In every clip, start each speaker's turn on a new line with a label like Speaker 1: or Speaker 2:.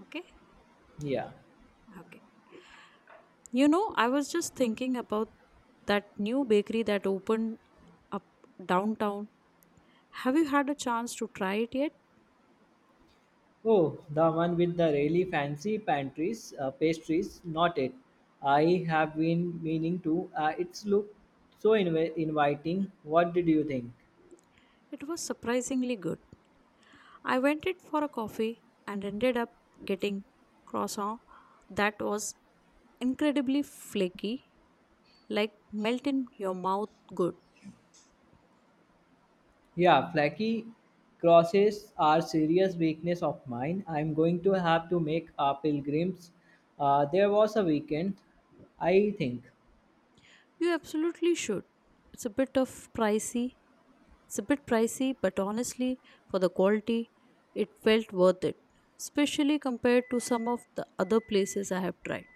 Speaker 1: Okay,
Speaker 2: Yeah.
Speaker 1: okay. You know, I was just thinking about that new bakery that opened up downtown. Have you had a chance to try it yet?
Speaker 2: Oh, the one with the really fancy pantries, pastries. Not it. I have been meaning to. It's look so inviting. What did you think?
Speaker 1: It was surprisingly good. I went in for a coffee and ended up getting croissant that was incredibly flaky, like melt in your mouth good.
Speaker 2: Yeah, flaky crosses are serious weakness of mine. I'm going to have to make a pilgrims. There was a weekend, I think.
Speaker 1: You absolutely should. It's a bit of pricey, It's a bit pricey, but honestly, for the quality, it felt worth it, especially compared to some of the other places I have tried.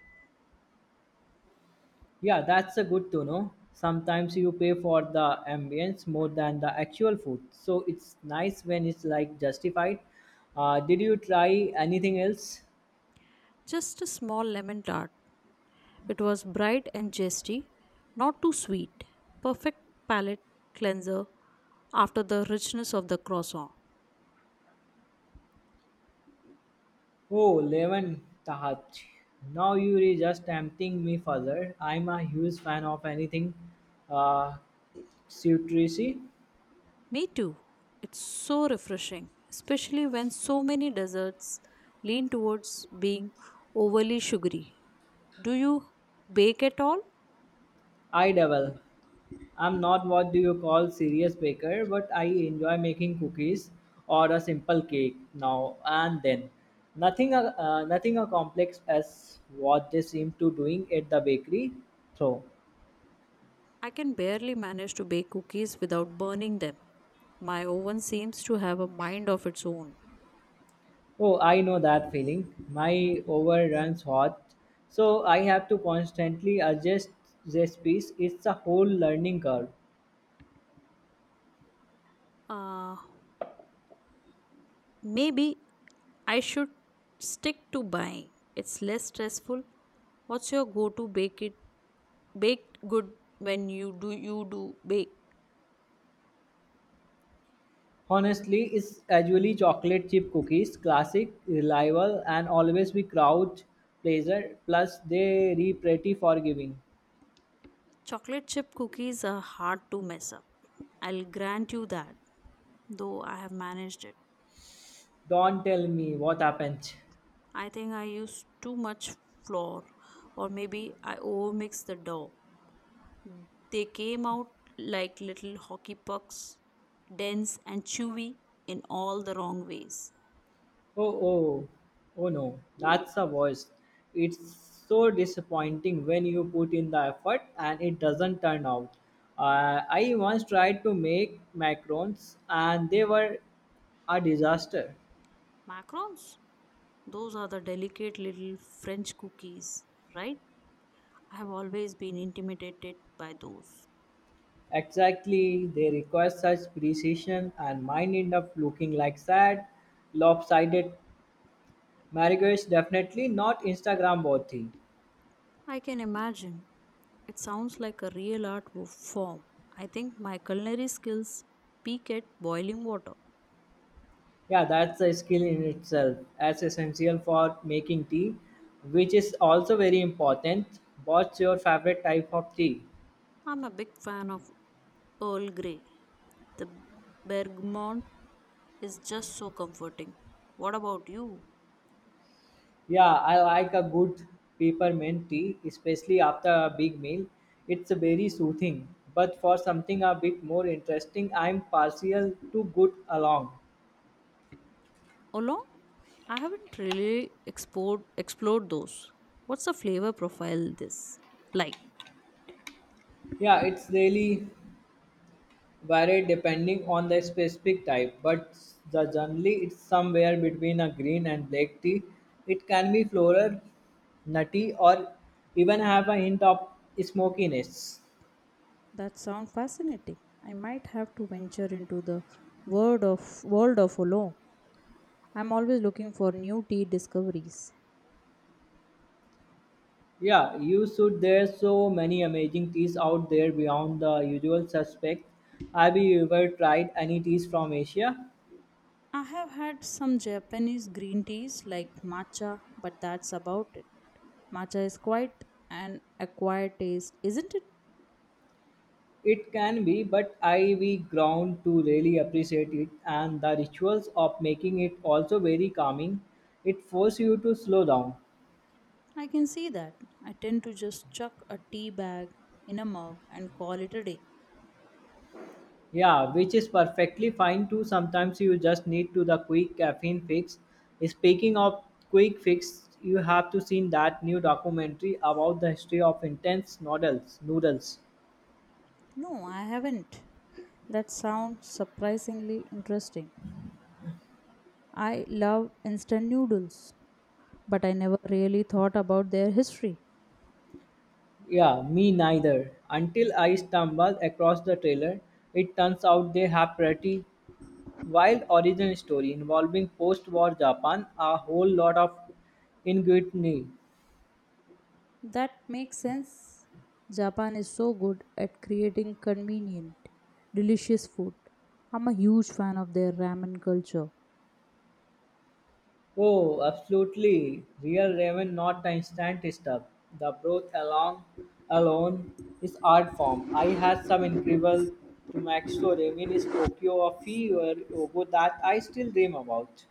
Speaker 2: Yeah, that's a good to know. Sometimes you pay for the ambience more than the actual food. So it's nice when it's like justified. Did you try anything else?
Speaker 1: Just a small lemon tart. It was bright and zesty, not too sweet. Perfect palate cleanser after the richness of the croissant.
Speaker 2: Oh, lemon tahat. Now you are just tempting me further. I'm a huge fan of anything uh, citrusy.
Speaker 1: Me too. It's so refreshing, especially when so many desserts lean towards being overly sugary. Do you bake at all?
Speaker 2: I devil. I'm not what do you call serious baker, but I enjoy making cookies or a simple cake now and then. Nothing, nothing as complex as what they seem to doing at the bakery. So,
Speaker 1: I can barely manage to bake cookies without burning them. My oven seems to have a mind of its own.
Speaker 2: oh, I know that feeling. My oven runs hot, so I have to constantly adjust recipes. It's a whole learning curve.
Speaker 1: Uh, maybe I should stick to buying. It's less stressful. What's your go-to baked good when you do bake?
Speaker 2: Honestly, it's usually chocolate chip cookies, classic, reliable, and always be crowd pleaser. Plus, they re pretty forgiving.
Speaker 1: Chocolate chip cookies are hard to mess up. I'll grant you that, though I have managed it.
Speaker 2: Don't tell me what happened.
Speaker 1: I think I use too much flour, or maybe I overmix the dough. They came out like little hockey pucks, dense and chewy in all the wrong ways.
Speaker 2: Oh oh, oh no, that's the worst. It's so disappointing when you put in the effort and it doesn't turn out. I once tried to make macarons and they were a disaster.
Speaker 1: Macarons? Those are the delicate little French cookies, right? I have always been intimidated by those.
Speaker 2: Exactly, they require such precision, and mine end up looking like sad, lopsided marriages. Definitely not Instagram worthy.
Speaker 1: I can imagine. It sounds like a real art form. I think my culinary skills peak at boiling water.
Speaker 2: Yeah, that's a skill in itself, as essential for making tea, which is also very important. What's your favorite type of tea?
Speaker 1: I'm a big fan of Earl Grey. The bergamot is just so comforting. What about you?
Speaker 2: Yeah, I like a good peppermint tea, especially after a big meal. It's very soothing. But for something a bit more interesting, I'm partial to good along.
Speaker 1: Oolong? I haven't really explored those. What's the flavor profile this like?
Speaker 2: Yeah, it's really varied depending on the specific type, but the generally it's somewhere between a green and black tea. It can be floral, nutty, or even have a hint of smokiness.
Speaker 1: That sounds fascinating. I might have to venture into the world of oolong. I'm always looking for new tea discoveries.
Speaker 2: Yeah, you should. There's so many amazing teas out there beyond the usual suspects. Have you ever tried any teas from Asia?
Speaker 1: I have had some Japanese green teas like matcha, but that's about it. Matcha is quite an acquired taste, isn't it?
Speaker 2: It can be, but I we ground to really appreciate it, and the rituals of making it also very calming. It forces you to slow down.
Speaker 1: I can see that. I tend to just chuck a tea bag in a mug and call it a day.
Speaker 2: Yeah, which is perfectly fine too. Sometimes you just need to the quick caffeine fix. Speaking of quick fix, you have to seen that new documentary about the history of intense noodles. Noodles.
Speaker 1: No, I haven't. That sounds surprisingly interesting. I love instant noodles, but I never really thought about their history.
Speaker 2: Yeah, me neither. Until I stumbled across the trailer, it turns out they have pretty Wild origin story involving post-war Japan, a whole lot of ingenuity.
Speaker 1: That makes sense. Japan is so good at creating convenient, delicious food. I'm a huge fan of their ramen culture.
Speaker 2: Oh, absolutely. Real ramen, not the instant stuff. The broth along alone is art form. I had some incredible Tumakso ramen in Tokyo a few years ago that I still dream about.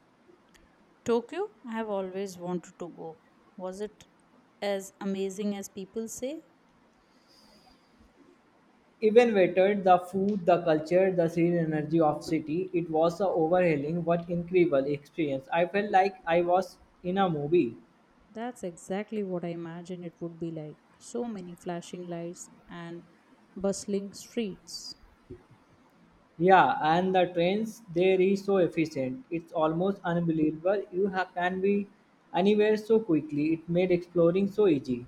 Speaker 1: Tokyo, I have always wanted to go. Was it as amazing as people say?
Speaker 2: Even better, the food, the culture, the serene energy of city. It was a overhauling but incredible experience. I felt like I was in a movie.
Speaker 1: That's exactly what I imagined it would be like. So many flashing lights and bustling streets.
Speaker 2: Yeah, and the trains there is so efficient. It's almost unbelievable. You can be anywhere so quickly. It made exploring so easy.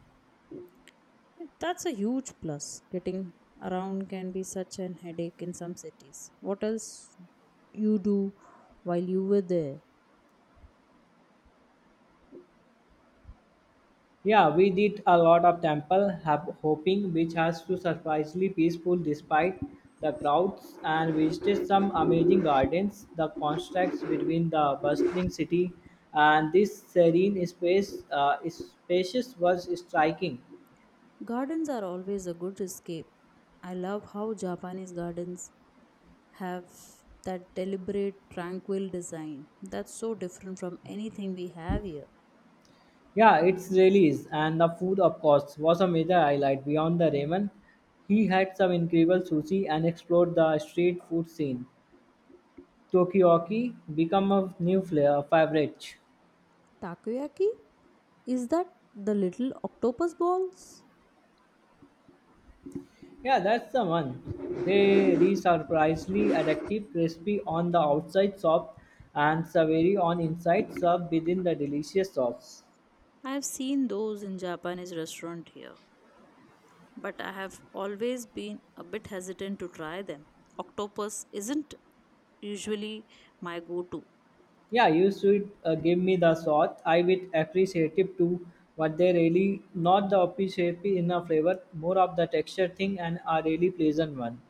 Speaker 1: That's a huge plus. Getting around can be such an headache in some cities. What else you do while you were there?
Speaker 2: Yeah, we did a lot of temple hopping, which has to surprisingly peaceful despite the crowds, and visited some amazing gardens. The contrast between the bustling city and this serene space, spacious was striking.
Speaker 1: Gardens are always a good escape. I love how Japanese gardens have that deliberate, tranquil design that's so different from anything we have here.
Speaker 2: Yeah, it's really is. And the food, of course, was a major highlight beyond the ramen. He had some incredible sushi and explored the street food scene. Tokioki become a new flair favorite.
Speaker 1: Takoyaki? Is that the little octopus balls?
Speaker 2: Yeah, that's the one. They re surprisingly addictive, crispy on the outside soft and savory on inside, served within the delicious sauce.
Speaker 1: I have seen those in Japanese restaurant here, but I have always been a bit hesitant to try them. Octopus isn't usually my go-to.
Speaker 2: Yeah, you should give me the thought. I would appreciative it too, but they really not the appreciate in a flavor, more of the texture thing and a really pleasant one.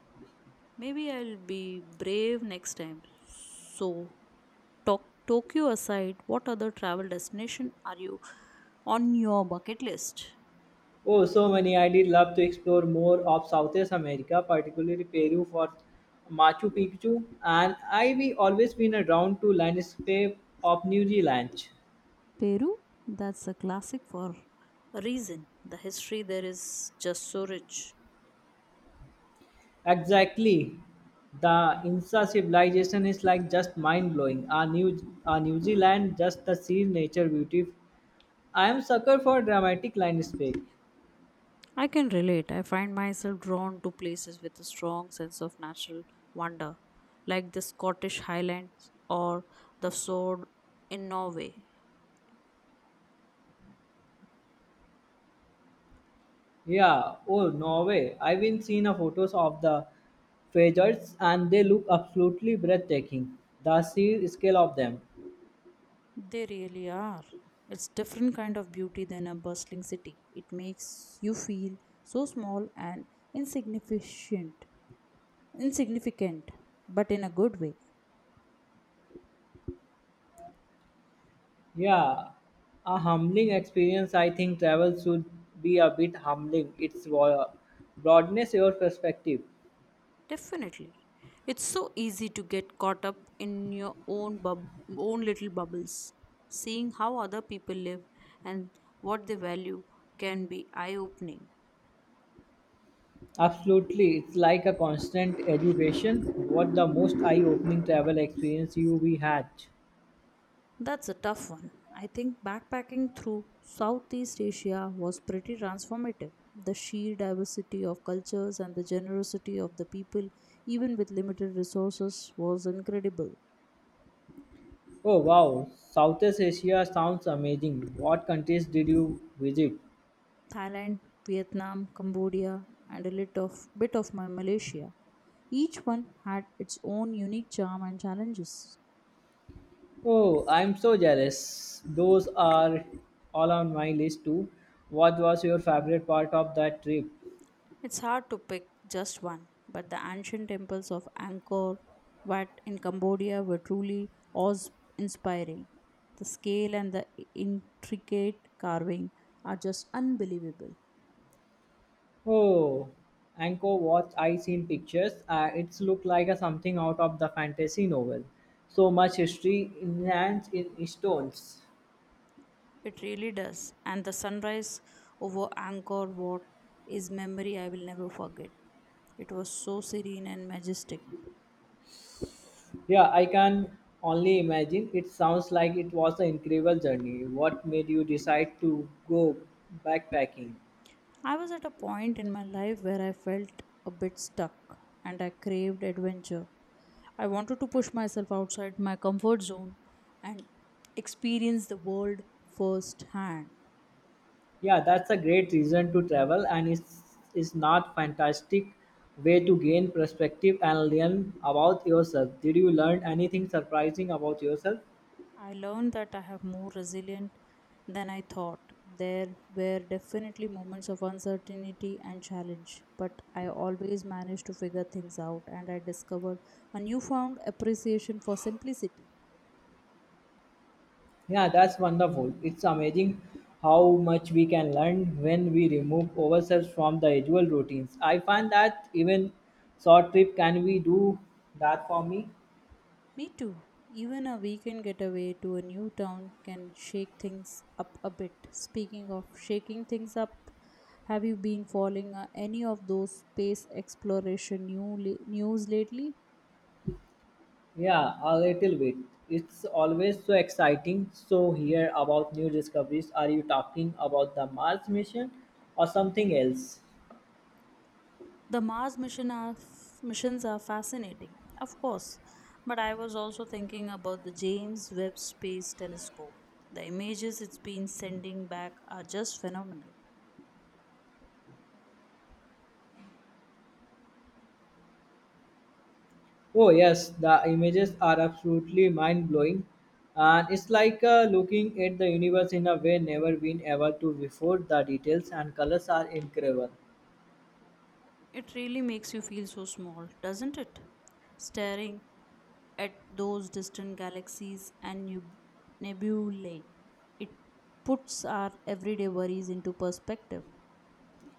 Speaker 1: Maybe I'll be brave next time. So, Tokyo aside, what other travel destination are you on your bucket list?
Speaker 2: Oh, so many! I did love to explore more of Southeast America, particularly Peru for Machu Picchu, and I we always been around to landscape of New Zealand.
Speaker 1: Peru? That's a classic for A reason the history there is just so rich.
Speaker 2: Exactly. The Inca civilization is like just mind blowing. Our New Zealand, just the sea nature beauty I am sucker for dramatic landscape.
Speaker 1: I can relate. I find myself drawn to places with a strong sense of natural wonder, like the Scottish Highlands or the Sword in Norway.
Speaker 2: Yeah. Oh, Norway. I've been seeing a photos of the fjords and they look absolutely breathtaking. The sheer scale of them.
Speaker 1: They really are. It's different kind of beauty than a bustling city. It makes you feel so small and insignificant, insignificant, but in a good way.
Speaker 2: Yeah. A humbling experience. I think travel should be a bit humbling. Broadness your perspective.
Speaker 1: Definitely. It's so easy to get caught up in your own little bubbles. Seeing how other people live and what they value can be eye-opening.
Speaker 2: Absolutely. It's like a constant education. What the most eye-opening travel experience you we had.
Speaker 1: That's a tough one. I think backpacking through Southeast Asia was pretty transformative. The sheer diversity of cultures and the generosity of the people, even with limited resources, was incredible.
Speaker 2: Oh wow, Southeast Asia sounds amazing. What countries did you visit?
Speaker 1: Thailand, Vietnam, Cambodia, and bit of my Malaysia. Each one had its own unique charm and challenges.
Speaker 2: Oh, I'm so jealous. Those are all on my list too. What was your favorite part of that trip?
Speaker 1: It's hard to pick just one, but the ancient temples of Angkor Wat in Cambodia were truly awe-inspiring. The scale and the intricate carving are just unbelievable.
Speaker 2: Oh, Angkor Wat. I seen pictures. It's looked like a something out of the fantasy novel. So much history enhanced in stones.
Speaker 1: It really does. And the sunrise over Angkor Wat is memory I will never forget. It was so serene and majestic.
Speaker 2: Yeah, I can only imagine. It sounds like it was an incredible journey. What made you decide to go backpacking?
Speaker 1: I was at a point in my life where I felt a bit stuck and I craved adventure. I wanted to push myself outside my comfort zone and experience the world firsthand.
Speaker 2: Yeah, that's a great reason to travel, and it's, is not fantastic way to gain perspective and learn about yourself. Did you learn anything surprising about yourself?
Speaker 1: I learned that I have more resilient than I thought. There were definitely moments of uncertainty and challenge, but I always managed to figure things out and I discovered a newfound appreciation for simplicity.
Speaker 2: Yeah, that's wonderful. It's amazing how much we can learn when we remove ourselves from the usual routines. I find that even short trip can we do that for me?
Speaker 1: Me too. Even a weekend getaway to a new town can shake things up a bit. Speaking of shaking things up, have you been following any of those space exploration news lately?
Speaker 2: Yeah, a little bit. It's always so exciting. So hear about new discoveries. Are you talking about the Mars mission or something else?
Speaker 1: The Mars missions are fascinating, of course, but I was also thinking about the James Webb Space Telescope. The images it's been sending back are just phenomenal.
Speaker 2: Oh yes, the images are absolutely mind blowing, and it's like looking at the universe in a way never been ever to before. The details and colors are incredible.
Speaker 1: It really makes you feel so small, doesn't it? Staring at those distant galaxies and nebulae, it puts our everyday worries into perspective.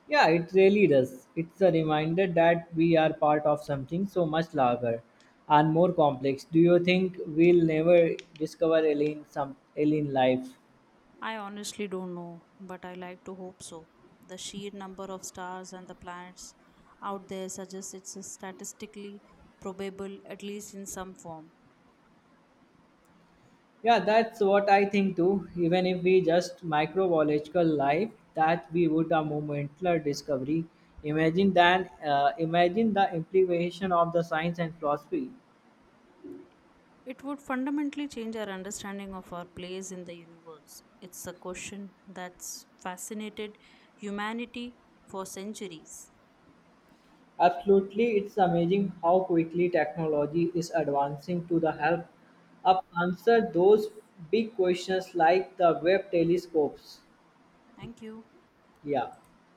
Speaker 2: Yeah, it really does. It's a reminder that we are part of something so much larger and more complex. Do you think we'll never discover alien some alien life?
Speaker 1: I honestly don't know, but I like to hope so. The sheer number of stars and the planets out there suggests it's statistically probable, at least in some form.
Speaker 2: Yeah, that's what I think too. Even if we just microbiological life, that we would a momentlar discovery. Imagine that. Imagine the implication of the science and philosophy.
Speaker 1: It would fundamentally change our understanding of our place in the universe. It's a question that's fascinated humanity for centuries.
Speaker 2: Absolutely, it's amazing how quickly technology is advancing to the help up answer those big questions like the web telescopes.
Speaker 1: Thank you.
Speaker 2: Yeah.